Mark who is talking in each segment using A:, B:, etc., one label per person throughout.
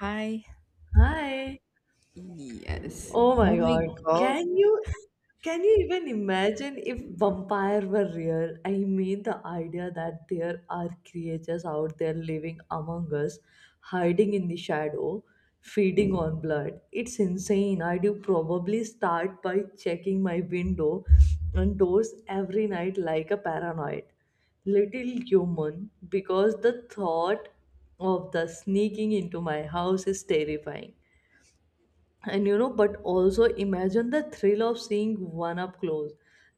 A: Hi.
B: Hi.
A: Yes.
B: Oh my
A: Oh my
B: God.
A: God.
B: Can you can you even imagine if vampire were real? I mean, the idea that there are creatures out there living among us, hiding in the shadow, feeding on blood. It's insane. I do probably start by checking my window and doors every night like a paranoid little human because the thought of the sneaking into my house is terrifying, and but also imagine the thrill of seeing one up close,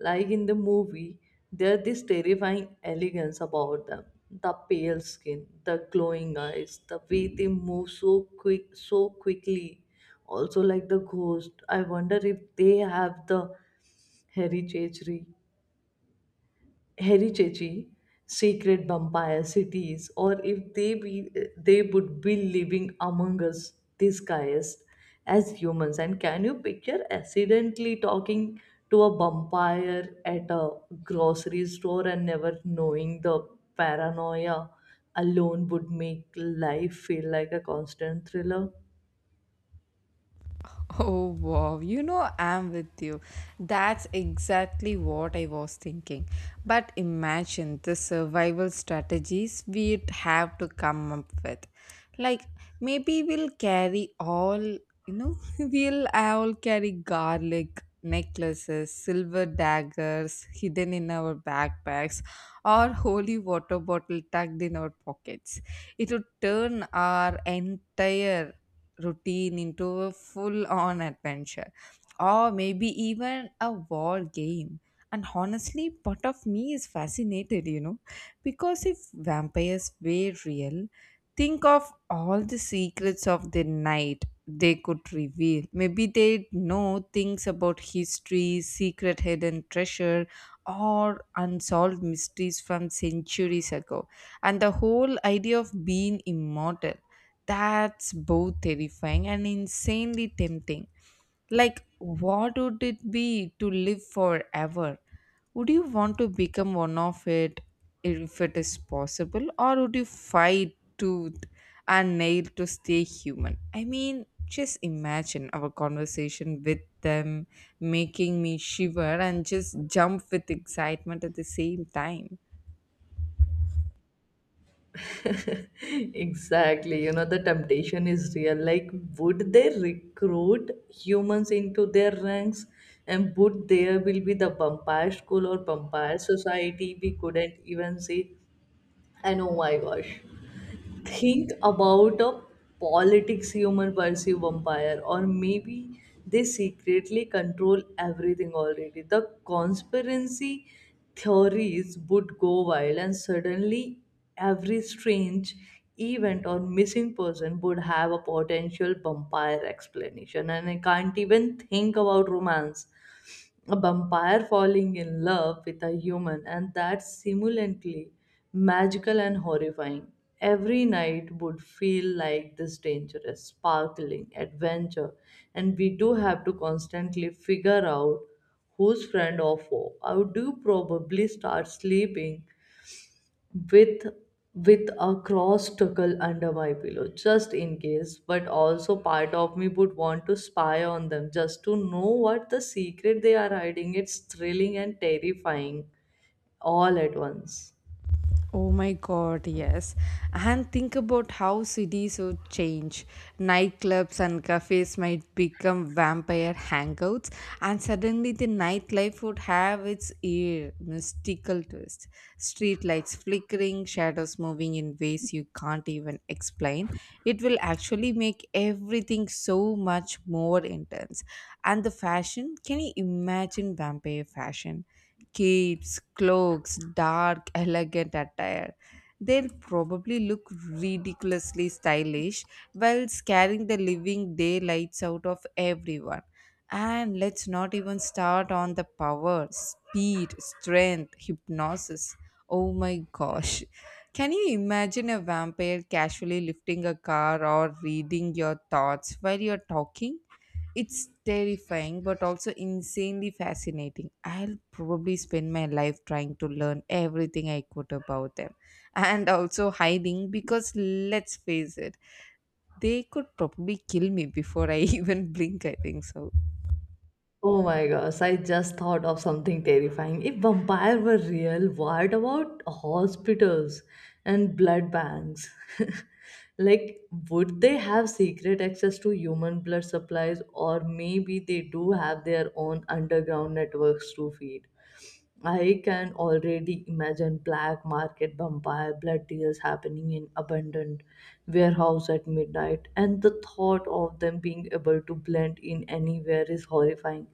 B: like in the movie. There's this terrifying elegance about them, the pale skin, the glowing eyes, the way they move so quickly. Also, like the ghost, I wonder if they have the hereditary heritage, secret vampire cities, or if they would be living among us disguised as humans. And can you picture accidentally talking to a vampire at a grocery store and never knowing? The paranoia alone would make life feel like a constant thriller.
A: Oh, wow. You know, I'm with you. That's exactly what I was thinking. But imagine the survival strategies we'd have to come up with. Like, maybe we'll carry we'll all carry garlic necklaces, silver daggers hidden in our backpacks, or holy water bottle tucked in our pockets. It would turn our entire routine into a full on adventure or maybe even a war game. And honestly, part of me is fascinated, because if vampires were real, think of all the secrets of the night they could reveal. Maybe they know things about history, secret hidden treasure, or unsolved mysteries from centuries ago. And the whole idea of being immortal. That's both terrifying and insanely tempting. Like, what would it be to live forever? Would you want to become one of it if it is possible, or would you fight tooth and nail to stay human? I mean, just imagine our conversation with them making me shiver and just jump with excitement at the same time.
B: Exactly. You know, the temptation is real. Like, would they recruit humans into their ranks? And would there will be the vampire school or vampire society we couldn't even see? And oh my gosh, think about a politics human perceive vampire, or maybe they secretly control everything already. The conspiracy theories would go wild, and suddenly every strange event or missing person would have a potential vampire explanation. And I can't even think about romance, a vampire falling in love with a human, and that's simultaneously magical and horrifying. Every night would feel like this dangerous, sparkling adventure, and we do have to constantly figure out who's friend or foe. I would do probably start sleeping with with a cross tuckle under my pillow, just in case. But also part of me would want to spy on them just to know what the secret they are hiding. It's thrilling and terrifying all at once.
A: Oh my god, yes. And think about how cities would change. Nightclubs and cafes might become vampire hangouts, and suddenly the nightlife would have its ear mystical twist. Streetlights flickering, shadows moving in ways you can't even explain. It will actually make everything so much more intense. And the fashion, can you imagine vampire fashion? Capes, cloaks, dark, elegant attire. They'll probably look ridiculously stylish while scaring the living daylights out of everyone. And let's not even start on the power, speed, strength, hypnosis. Oh my gosh. Can you imagine a vampire casually lifting a car or reading your thoughts while you're talking? It's terrifying but also insanely fascinating. I'll probably spend my life trying to learn everything I could about them and also hiding because let's face it, they could probably kill me before I even blink. I think so.
B: Oh my gosh, I just thought of something terrifying. If vampires were real, what about hospitals and blood banks? Like, would they have secret access to human blood supplies, or maybe they do have their own underground networks to feed? I can already imagine black market vampire blood deals happening in abandoned warehouse at midnight, and the thought of them being able to blend in anywhere is horrifying.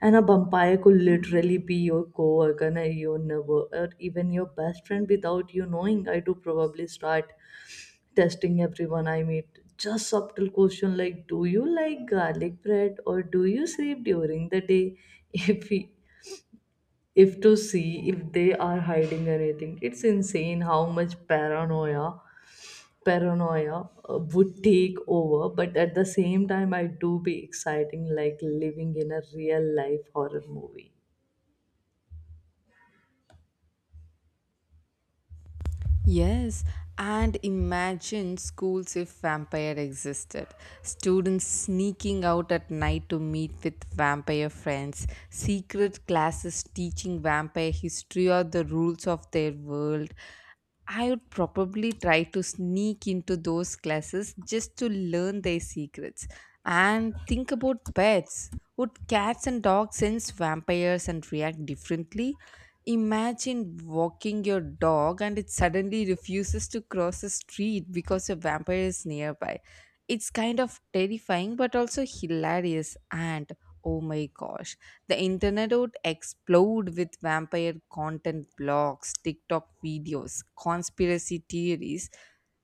B: And a vampire could literally be your coworker, and your neighbor, or even your best friend without you knowing. I do probably start testing everyone I meet. Just subtle question, like, do you like garlic bread or do you sleep during the day? If we, if to see if they are hiding anything. It's insane how much paranoia would take over. But at the same time, I do be exciting, like living in a real life horror movie.
A: Yes, and imagine schools if vampire existed. Students sneaking out at night to meet with vampire friends, secret classes teaching vampire history or the rules of their world. I would probably try to sneak into those classes just to learn their secrets. And think about pets. Would cats and dogs sense vampires and react differently? Imagine walking your dog and it suddenly refuses to cross the street because a vampire is nearby. It's kind of terrifying but also hilarious. And oh my gosh, the internet would explode with vampire content blogs, TikTok videos, conspiracy theories,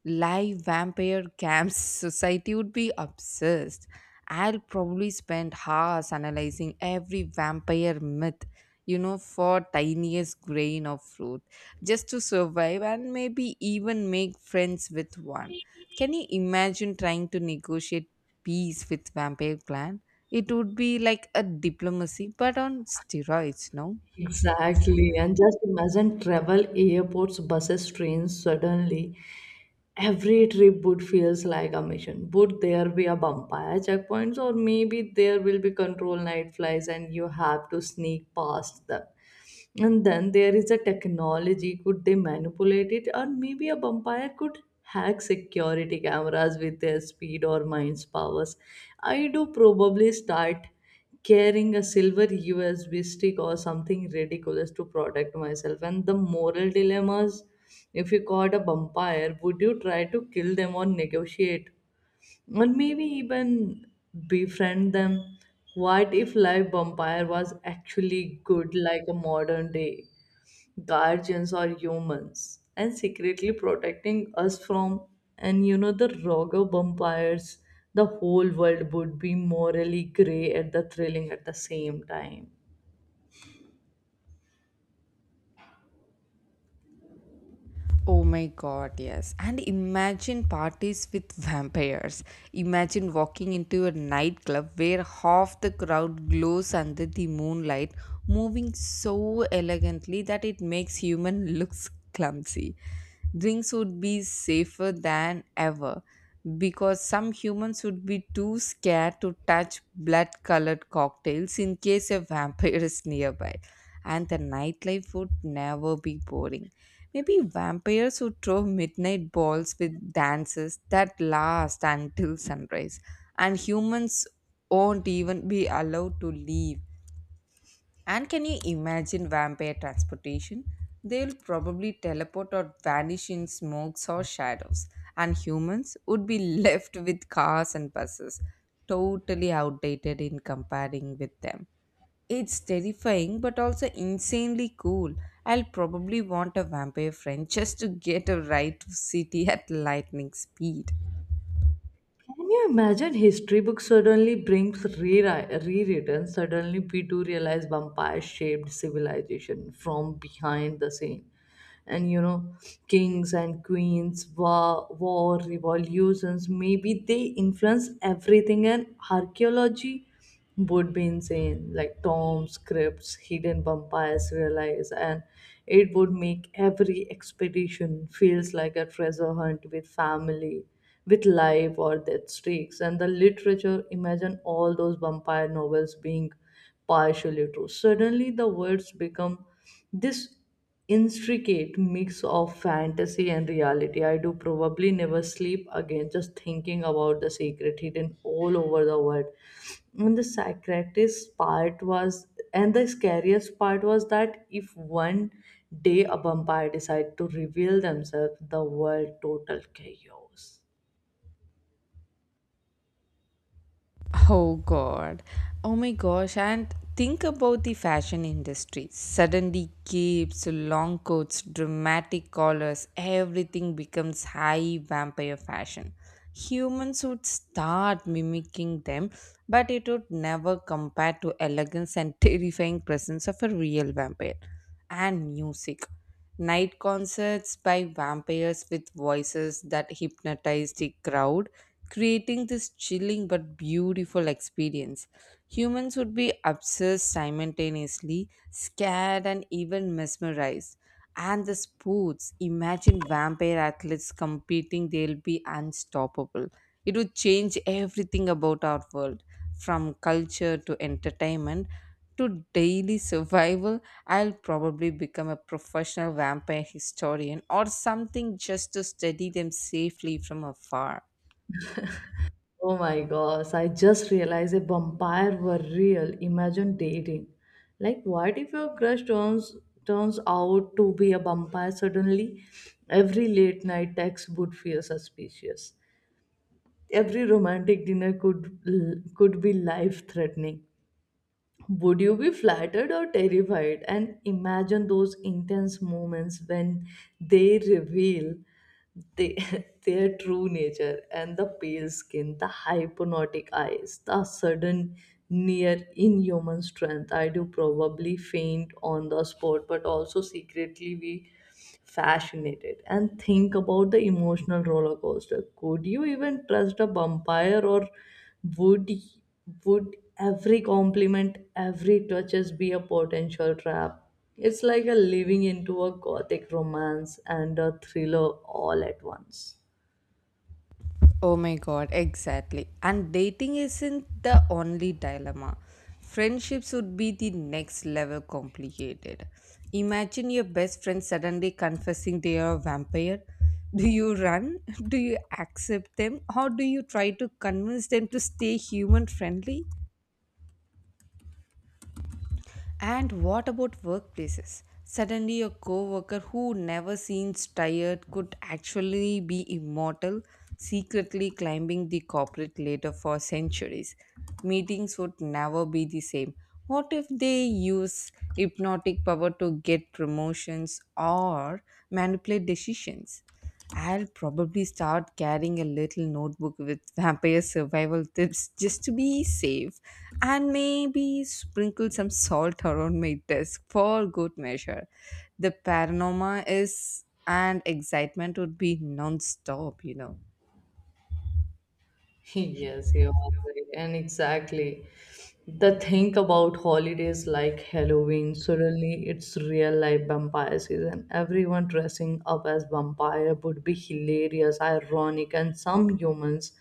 A: live vampire camps. Society would be obsessed. I'll probably spend hours analyzing every vampire myth, for tiniest grain of fruit just to survive and maybe even make friends with one. Can you imagine trying to negotiate peace with vampire clan? It would be like a diplomacy, but on steroids, no?
B: Exactly. And just imagine travel, airports, buses, trains. Suddenly every trip would feels like a mission. Would there be a vampire checkpoints, or maybe there will be control night flies and you have to sneak past them? And then there is a technology. Could they manipulate it? Or maybe a vampire could hack security cameras with their speed or mind's powers. I do probably start carrying a silver USB stick or something ridiculous to protect myself. And the moral dilemmas, if you caught a vampire, would you try to kill them or negotiate? Or maybe even befriend them. What if live vampire was actually good, like a modern day guardians or humans and secretly protecting us from, and you know, the rogue vampires. The whole world would be morally grey at the thrilling at the same time.
A: Oh my god, yes. And imagine parties with vampires. Imagine walking into a nightclub where half the crowd glows under the moonlight, moving so elegantly that it makes human looks clumsy drinks would be safer than ever because some humans would be too scared to touch blood colored cocktails in case a vampire is nearby. And the nightlife would never be boring. Maybe vampires would throw midnight balls with dances that last until sunrise, and humans won't even be allowed to leave and can you imagine vampire transportation? They'll probably teleport or vanish in smokes or shadows, and humans would be left with cars and buses, totally outdated in comparing with them. It's terrifying but also insanely cool. I'll probably want a vampire friend just to get a ride to city at lightning speed.
B: Can you imagine history books suddenly brings rewritten? Suddenly we do realize vampire shaped civilization from behind the scene. And you know, kings and queens, war revolutions, maybe they influence everything. And archaeology would be insane, like Tom's crypts, hidden vampires realize. And it would make every expedition feels like a treasure hunt with family, with life or death stakes. And the literature, imagine all those vampire novels being partially true. Suddenly, the words become this intricate mix of fantasy and reality. I do probably never sleep again just thinking about the secret hidden all over the world. And the psychiatrist part was, and the scariest part was that if one day a vampire decide to reveal themselves, the world total chaos.
A: Oh god. Oh my gosh. And think about the fashion industry. Suddenly capes, long coats, dramatic collars, everything becomes high vampire fashion. Humans would start mimicking them, but it would never compare to elegance and terrifying presence of a real vampire. And music. Night concerts by vampires with voices that hypnotize the crowd creating this chilling but beautiful experience. Humans would be obsessed simultaneously, scared, and even mesmerized. And the sports imagine vampire athletes competing, they'll be unstoppable. It would change everything about our world from culture to entertainment to daily survival. I'll probably become a professional vampire historian or something just to study them safely from afar.
B: Oh my gosh, I just realized a vampire were real. Imagine dating. Like, what if your crush turns out to be a vampire suddenly? Every late night text would feel suspicious. Every romantic dinner could be life threatening. Would you be flattered or terrified? And imagine those intense moments when they reveal they, their true nature, and the pale skin, the hypnotic eyes, the sudden near inhuman strength. I do probably faint on the spot, but also secretly be fascinated. And think about the emotional roller coaster. Could you even trust a vampire, or would would every compliment, every touches be a potential trap? It's like a living into a gothic romance and a thriller all at once.
A: Oh my god, exactly. And dating isn't the only dilemma. Friendships would be the next level complicated. Imagine your best friend suddenly confessing they are a vampire. Do you run? Do you accept them? Or do you try to convince them to stay human friendly? And what about workplaces? Suddenly, a coworker who never seems tired could actually be immortal, secretly climbing the corporate ladder for centuries. Meetings would never be the same. What if they use hypnotic power to get promotions or manipulate decisions? I'll probably start carrying a little notebook with vampire survival tips just to be safe and maybe sprinkle some salt around my desk for good measure. The paranormal is and excitement would be non-stop, you know.
B: Yes, you are right. And exactly. The thing about holidays like Halloween, suddenly it's real life vampire season. Everyone dressing up as vampire would be hilarious, ironic, and some humans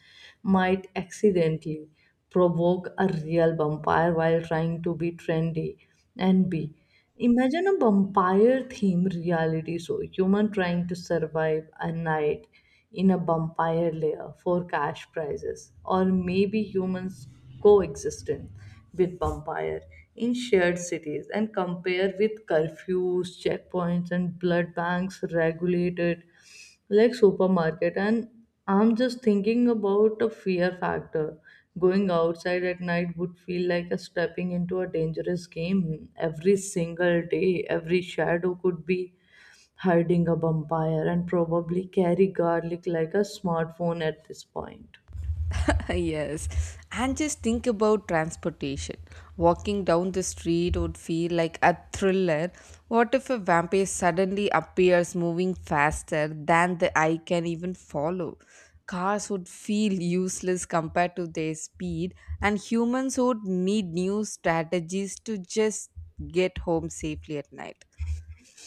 B: might accidentally provoke a real vampire while trying to be trendy and be. Imagine a vampire themed reality show. Human trying to survive a night in a vampire lair for cash prizes. Or maybe humans coexisting with vampire in shared cities and compare with curfews, checkpoints and blood banks regulated like supermarket. And I'm just thinking about a fear factor, going outside at night would feel like a stepping into a dangerous game every single day. Every shadow could be hiding a vampire, and probably carry garlic like a smartphone at this point.
A: Yes. And just think about transportation. Walking down the street would feel like a thriller. What if a vampire suddenly appears moving faster than the eye can even follow? Cars would feel useless compared to their speed, and humans would need new strategies to just get home safely at night.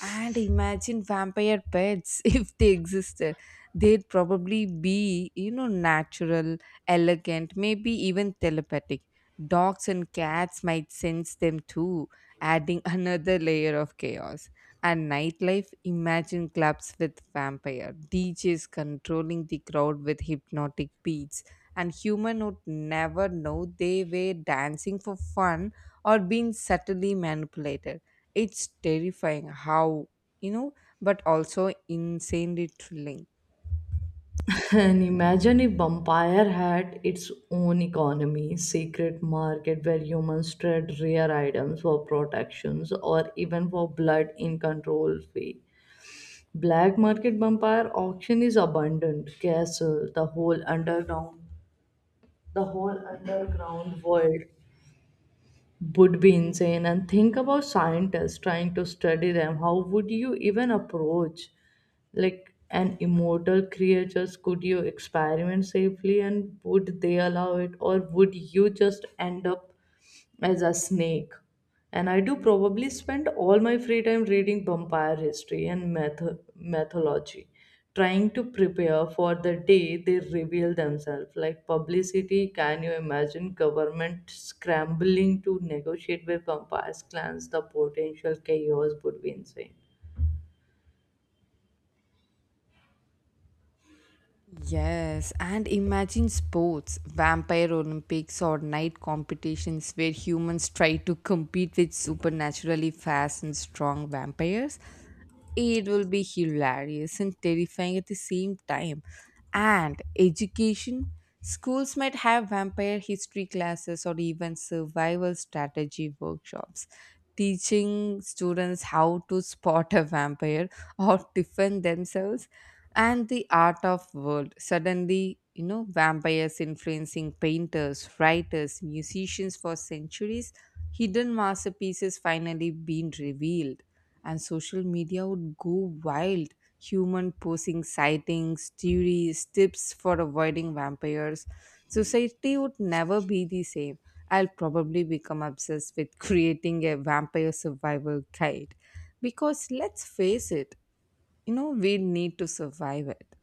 A: And imagine vampire pets if they existed. They'd probably be, you know, natural, elegant, maybe even telepathic. Dogs and cats might sense them too, adding another layer of chaos. And nightlife, imagine clubs with vampire, DJs controlling the crowd with hypnotic beats, and human would never know they were dancing for fun or being subtly manipulated. It's terrifying how, you know, but also insanely thrilling.
B: Point. And imagine if vampire had its own economy, secret market where humans trade rare items for protections or even for blood in control fee. Black market vampire auction is abundant. Castle, the whole underground world would be insane. And think about scientists trying to study them. How would you even approach? Like an immortal creatures, could you experiment safely, and would they allow it, or would you just end up as a snake? And I do probably spend all my free time reading vampire history and mythology, trying to prepare for the day they reveal themselves, like publicity. Can you imagine government scrambling to negotiate with vampires clans? The potential chaos would be insane.
A: Yes, and imagine sports, vampire Olympics or night competitions where humans try to compete with supernaturally fast and strong vampires. It will be hilarious and terrifying at the same time. And education, schools might have vampire history classes or even survival strategy workshops. Teaching students how to spot a vampire or defend themselves and the art of world suddenly vampires influencing painters writers musicians for centuries hidden masterpieces finally being revealed and social media would go wild human posing sightings theories tips for avoiding vampires society would never be the same. I'll probably become obsessed with creating a vampire survival guide, because let's face it, we need to survive it.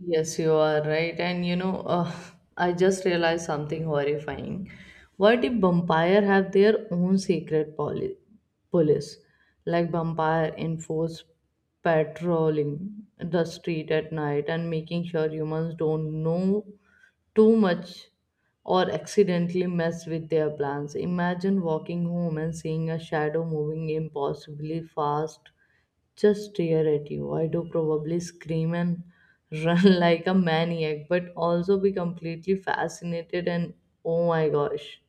B: Yes, you are right. And you know, I just realized something horrifying. What if vampire have their own secret police, like vampire enforce patrolling the street at night and making sure humans don't know too much or accidentally mess with their plans? Imagine walking home and seeing a shadow moving impossibly fast, just stare at you. I do probably scream and run like a maniac, but also be completely fascinated. And oh my gosh,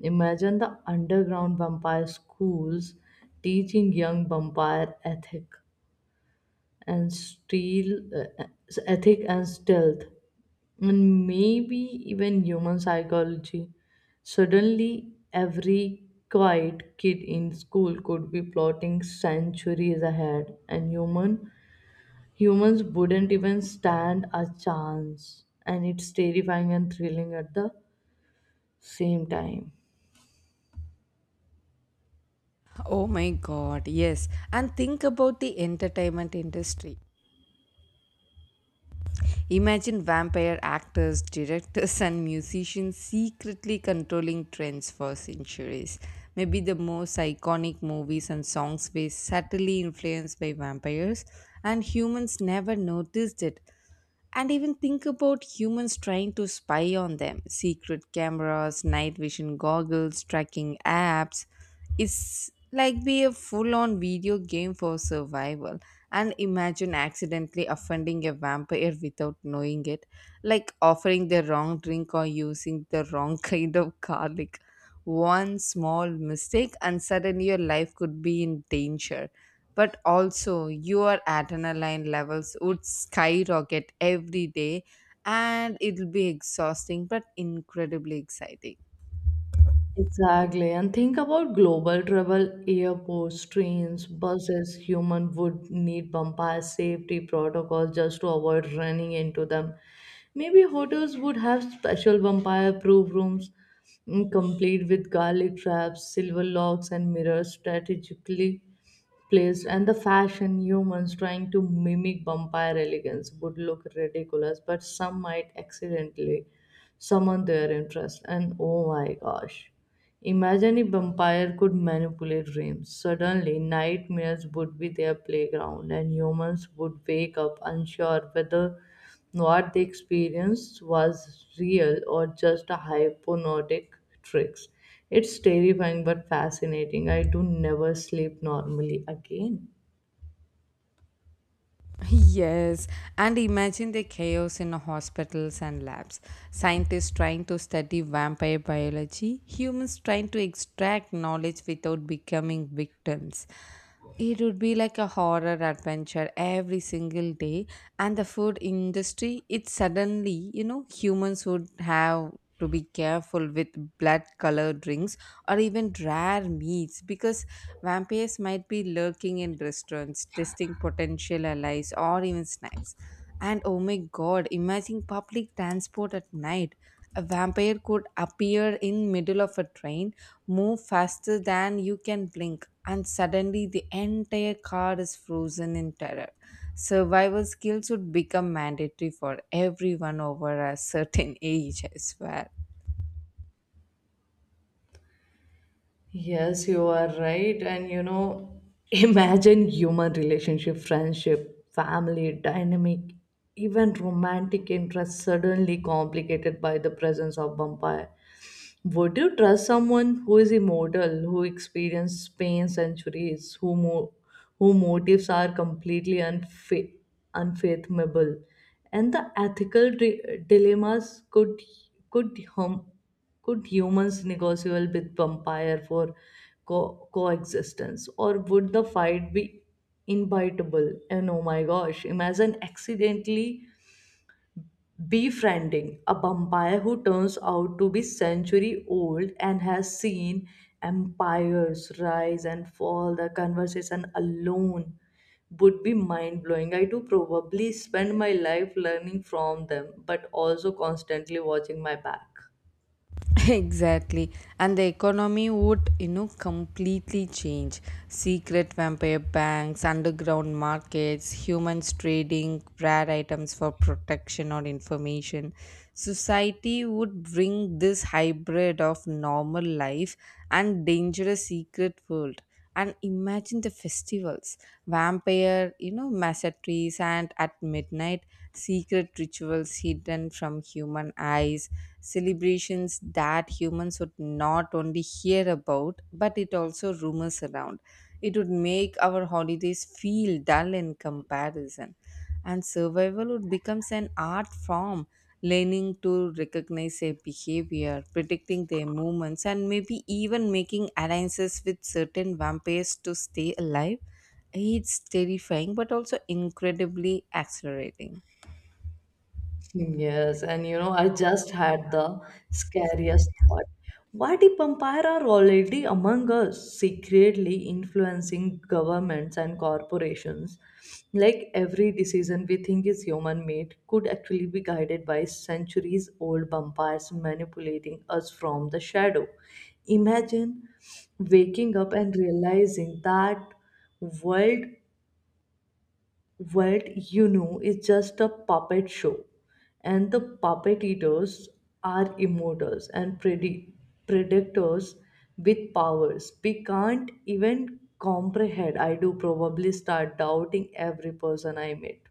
B: imagine the underground vampire schools teaching young vampire and steal uh, ethic and stealth, and maybe even human psychology. Suddenly every quiet kid in school could be plotting centuries ahead. And humans wouldn't even stand a chance, and it's terrifying and thrilling at the same time.
A: Oh my god, yes, and think about the entertainment industry. Imagine vampire actors directors and musicians secretly controlling trends for centuries. Maybe the most iconic movies and songs were subtly influenced by vampires and humans never noticed it. And even think about humans trying to spy on them. Secret cameras, night vision goggles, tracking apps. It's like be a full on video game for survival. And imagine accidentally offending a vampire without knowing it, like offering the wrong drink or using the wrong kind of garlic. One small mistake, and suddenly your life could be in danger but also your adrenaline levels would skyrocket every day and it'll be exhausting but incredibly exciting.
B: Exactly. And think about global travel, airports, trains, buses, human would need bumpire safety protocols just to avoid running into them. Maybe hotels would have special vampire proof rooms, complete with garlic traps, silver locks, and mirrors strategically placed. And the fashion, humans trying to mimic vampire elegance would look ridiculous, but some might accidentally summon their interest. And oh my gosh, imagine if vampire could manipulate dreams. Suddenly, nightmares would be their playground, and humans would wake up unsure whether what they experienced was real or just a hypnotic tricks. It's terrifying but fascinating. I do never sleep normally again.
A: Yes, and imagine the chaos in hospitals and labs, scientists trying to study vampire biology, humans trying to extract knowledge without becoming victims. It would be like a horror adventure every single day. And the food industry, it suddenly, humans would have to be careful with blood colored drinks or even rare meats because vampires might be lurking in restaurants, testing potential allies or even snacks. And oh my god, imagine public transport at night. A vampire could appear in middle of a train, move faster than you can blink, and suddenly the entire car is frozen in terror. Survival skills would become mandatory for everyone over a certain age, I swear.
B: Yes, you are right. And you know, imagine human relationship, friendship, family, dynamic, even romantic interests suddenly complicated by the presence of vampire. Would you trust someone who is immortal, who experienced pain centuries, who motives are completely unfathomable, and the ethical dilemmas could hum- could humans negotiable with vampire for coexistence, or would the fight be inevitable? And oh my gosh, imagine accidentally befriending a vampire who turns out to be century old and has seen empires rise and fall. The conversation alone would be mind blowing. I do probably spend my life learning from them, but also constantly watching my back.
A: Exactly. And the economy would completely change. Secret vampire banks, underground markets, humans trading rare items for protection or information. Society would bring this hybrid of normal life and dangerous secret world. And imagine the festivals, vampire massetries and at midnight secret rituals hidden from human eyes, celebrations that humans would not only hear about but it also rumors around. It would make our holidays feel dull in comparison, and survival would becomes an art form, learning to recognize their behavior, predicting their movements, and maybe even making alliances with certain vampires to stay alive. It's terrifying, but also incredibly accelerating.
B: Yes, and you know, I just had the scariest thought. What if vampires are already among us, secretly influencing governments and corporations? Like every decision we think is human made could actually be guided by centuries old vampires manipulating us from the shadow. Imagine waking up and realizing that world what you know is just a puppet show, and the puppet eaters are immortals and predictors with powers we can't even comprehend. I do probably start doubting every person I meet.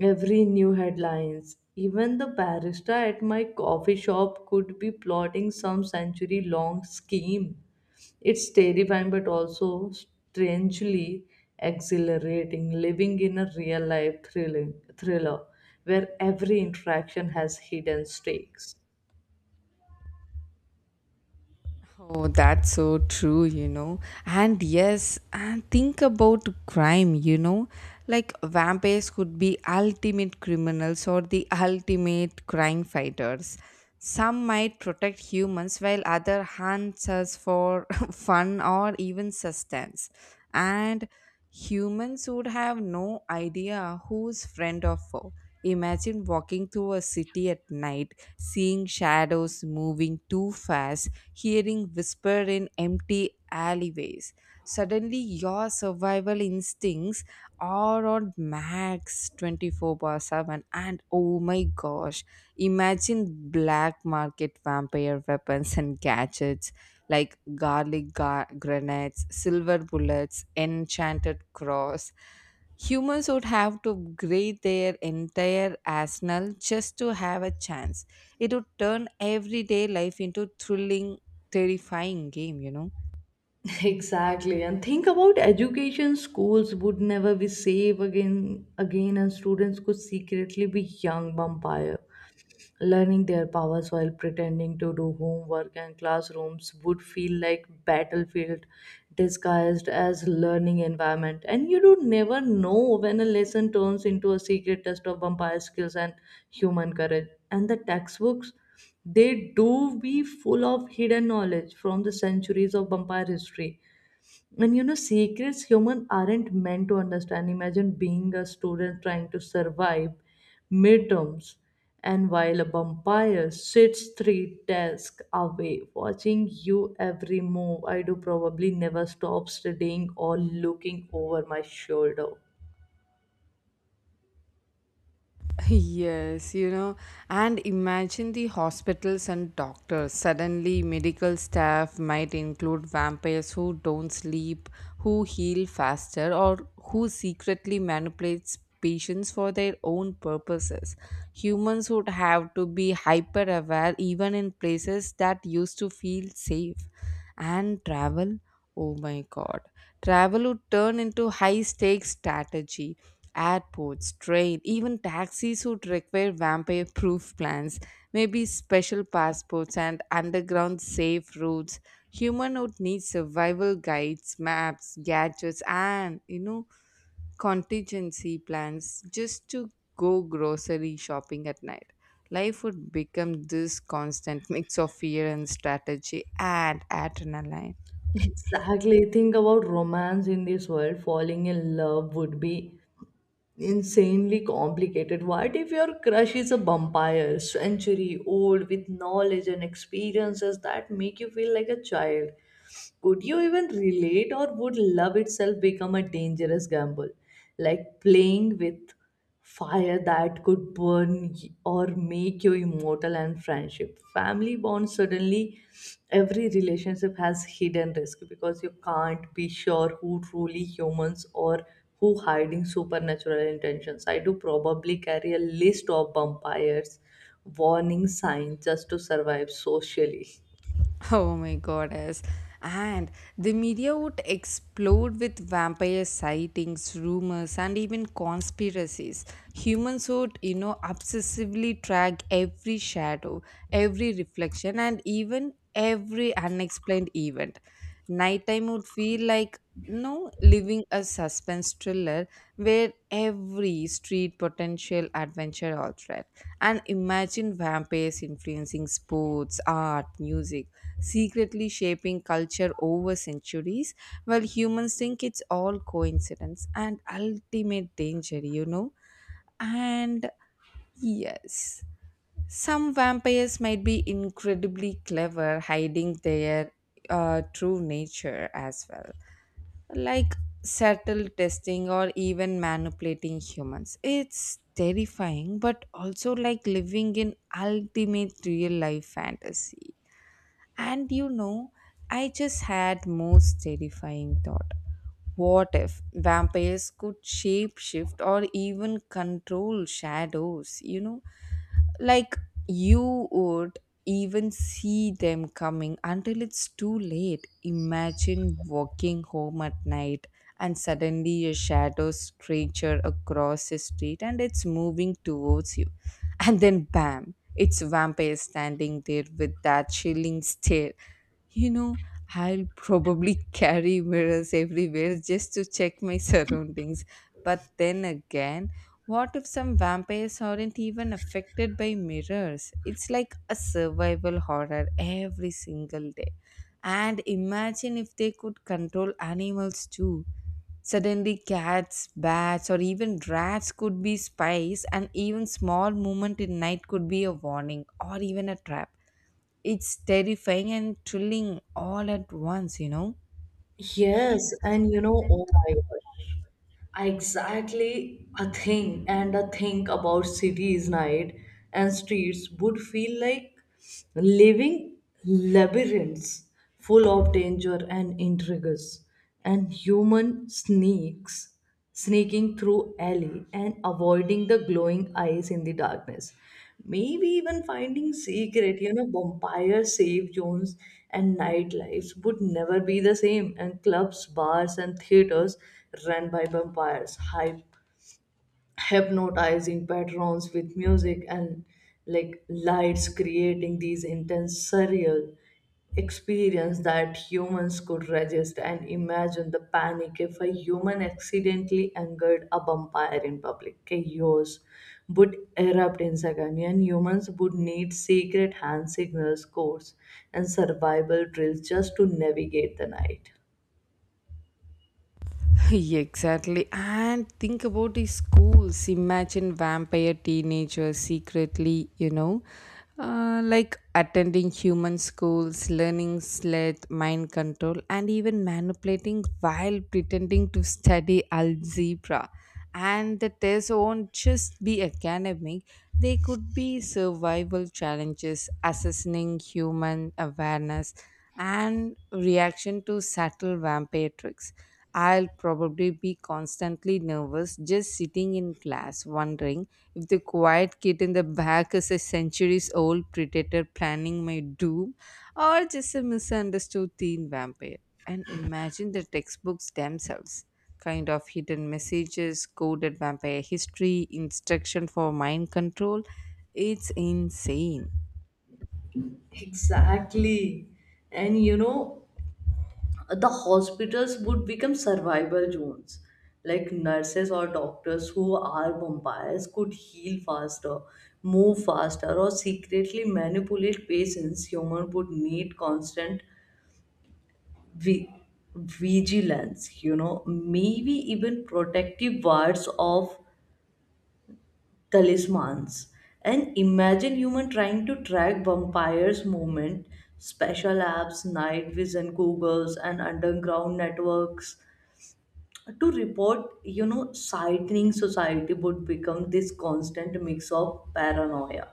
B: Every new headlines, even the barista at my coffee shop, could be plotting some century long scheme. It's terrifying but also strangely exhilarating, living in a real life thriller where every interaction has hidden stakes.
A: Oh, that's so true, you know. And yes, and think about crime, you know. Like vampires could be ultimate criminals or the ultimate crime fighters. Some might protect humans while other hunts us for fun or even sustenance. And humans would have no idea who's friend or foe. Imagine walking through a city at night, seeing shadows moving too fast, hearing whisper in empty alleyways. Suddenly, your survival instincts are on max 24/7. And oh my gosh, imagine black market vampire weapons and gadgets like grenades, silver bullets, enchanted cross. Humans would have to upgrade their entire arsenal just to have a chance. It would turn everyday life into thrilling, terrifying game, you know.
B: Exactly. And think about education, schools would never be safe again. And students could secretly be young vampire, learning their powers while pretending to do homework. And classrooms would feel like battlefield disguised as learning environment. And you do never know when a lesson turns into a secret test of vampire skills and human courage. And the textbooks, they do be full of hidden knowledge from the centuries of vampire history and, you know, secrets human aren't meant to understand. Imagine being a student trying to survive midterms, and while a vampire sits three desks away watching you every move. I do probably never stop studying or looking over my shoulder.
A: Yes, and imagine the hospitals and doctors. Suddenly, medical staff might include vampires who don't sleep, who heal faster, or who secretly manipulates patients for their own purposes. Humans would have to be hyper aware even in places that used to feel safe. And travel, oh my god, travel would turn into high stakes strategy. Airports, train, even taxis would require vampire proof plans, maybe special passports and underground safe routes. Human would need survival guides, maps, gadgets, and contingency plans just to go grocery shopping at night. Life would become this constant mix of fear and strategy and adrenaline.
B: Exactly. Think about romance in this world. Falling in love would be insanely complicated. What if your crush is a vampire, century old, with knowledge and experiences that make you feel like a child? Could you even relate, or would love itself become a dangerous gamble? Like playing with fire that could burn y- or make you immortal. And friendship, family bonds, suddenly every relationship has hidden risk because you can't be sure who truly humans or who hiding supernatural intentions. I do probably carry a list of vampires warning signs just to survive socially.
A: Oh my goddess. And the media would explode with vampire sightings, rumors, and even conspiracies. Humans would obsessively track every shadow, every reflection, and even every unexplained event. Nighttime would feel like no living a suspense thriller where every street potential adventure or threat and imagine vampires influencing sports art music secretly shaping culture over centuries, while humans think it's all coincidence and ultimate danger, you know. And yes, some vampires might be incredibly clever hiding their true nature as well, like subtle testing or even manipulating humans. It's terrifying, but also like living in ultimate real life fantasy. And you know, I just had most terrifying thought. What if vampires could shapeshift or even control shadows, you know? Like you would even see them coming until it's too late. Imagine walking home at night and suddenly a shadow stretcher across the street and it's moving towards you. And then bam, it's a vampire standing there with that chilling stare. You know, I'll probably carry mirrors everywhere just to check my surroundings. But then again, what if some vampires aren't even affected by mirrors? It's like a survival horror every single day. And imagine if they could control animals too. Suddenly, cats, bats, or even rats could be spies, and even small movement in night could be a warning or even a trap. It's terrifying and thrilling all at once, you know.
B: Yes, and you know, oh my gosh. I exactly a thing and a think about cities night and streets would feel like living labyrinths full of danger and intrigues, and human sneaks sneaking through alley and avoiding the glowing eyes in the darkness, maybe even finding secret, you know, vampire safe zones. And nightlives would never be the same, and clubs, bars and theaters run by vampires, hypnotizing patrons with music and like lights, creating these intense, surreal experience that humans could resist. And imagine the panic if a human accidentally angered a vampire in public. Chaos would erupt in seconds, and humans would need secret hand signals, codes, and survival drills just to navigate the night.
A: Exactly. And think about the schools. Imagine vampire teenagers secretly, like attending human schools, learning sled, mind control, and even manipulating while pretending to study algebra. And the tests won't just be academic, they could be survival challenges, assessing human awareness, and reaction to subtle vampire tricks. I'll probably be constantly nervous just sitting in class, wondering if the quiet kid in the back is a centuries old predator planning my doom or just a misunderstood teen vampire. And imagine the textbooks themselves kind of hidden messages, coded vampire history, instruction for mind control. It's insane.
B: Exactly. And you know, the hospitals would become survival zones, like nurses or doctors who are vampires could heal faster, move faster, or secretly manipulate patients. Human would need constant vi- vigilance, you know, maybe even protective wards of talismans. And imagine human trying to track vampires movement, special apps, night vision goggles, and underground networks to report, you know, sightning. Society would become this constant mix of paranoia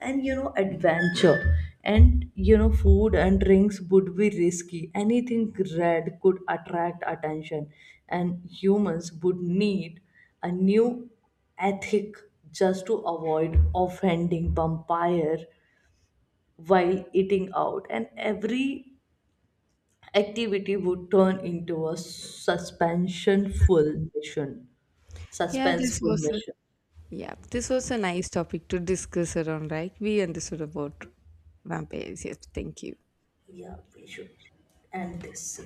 B: and, you know, adventure. And you know, food and drinks would be risky. Anything red could attract attention, and humans would need a new ethic just to avoid offending vampire while eating out. And every activity would turn into a suspension full mission
A: Yeah, this
B: suspenseful
A: was a
B: measure.
A: Yeah, this was a nice topic to discuss around, right? We understood about vampires. Yes, thank you.
B: Yeah, we should end this.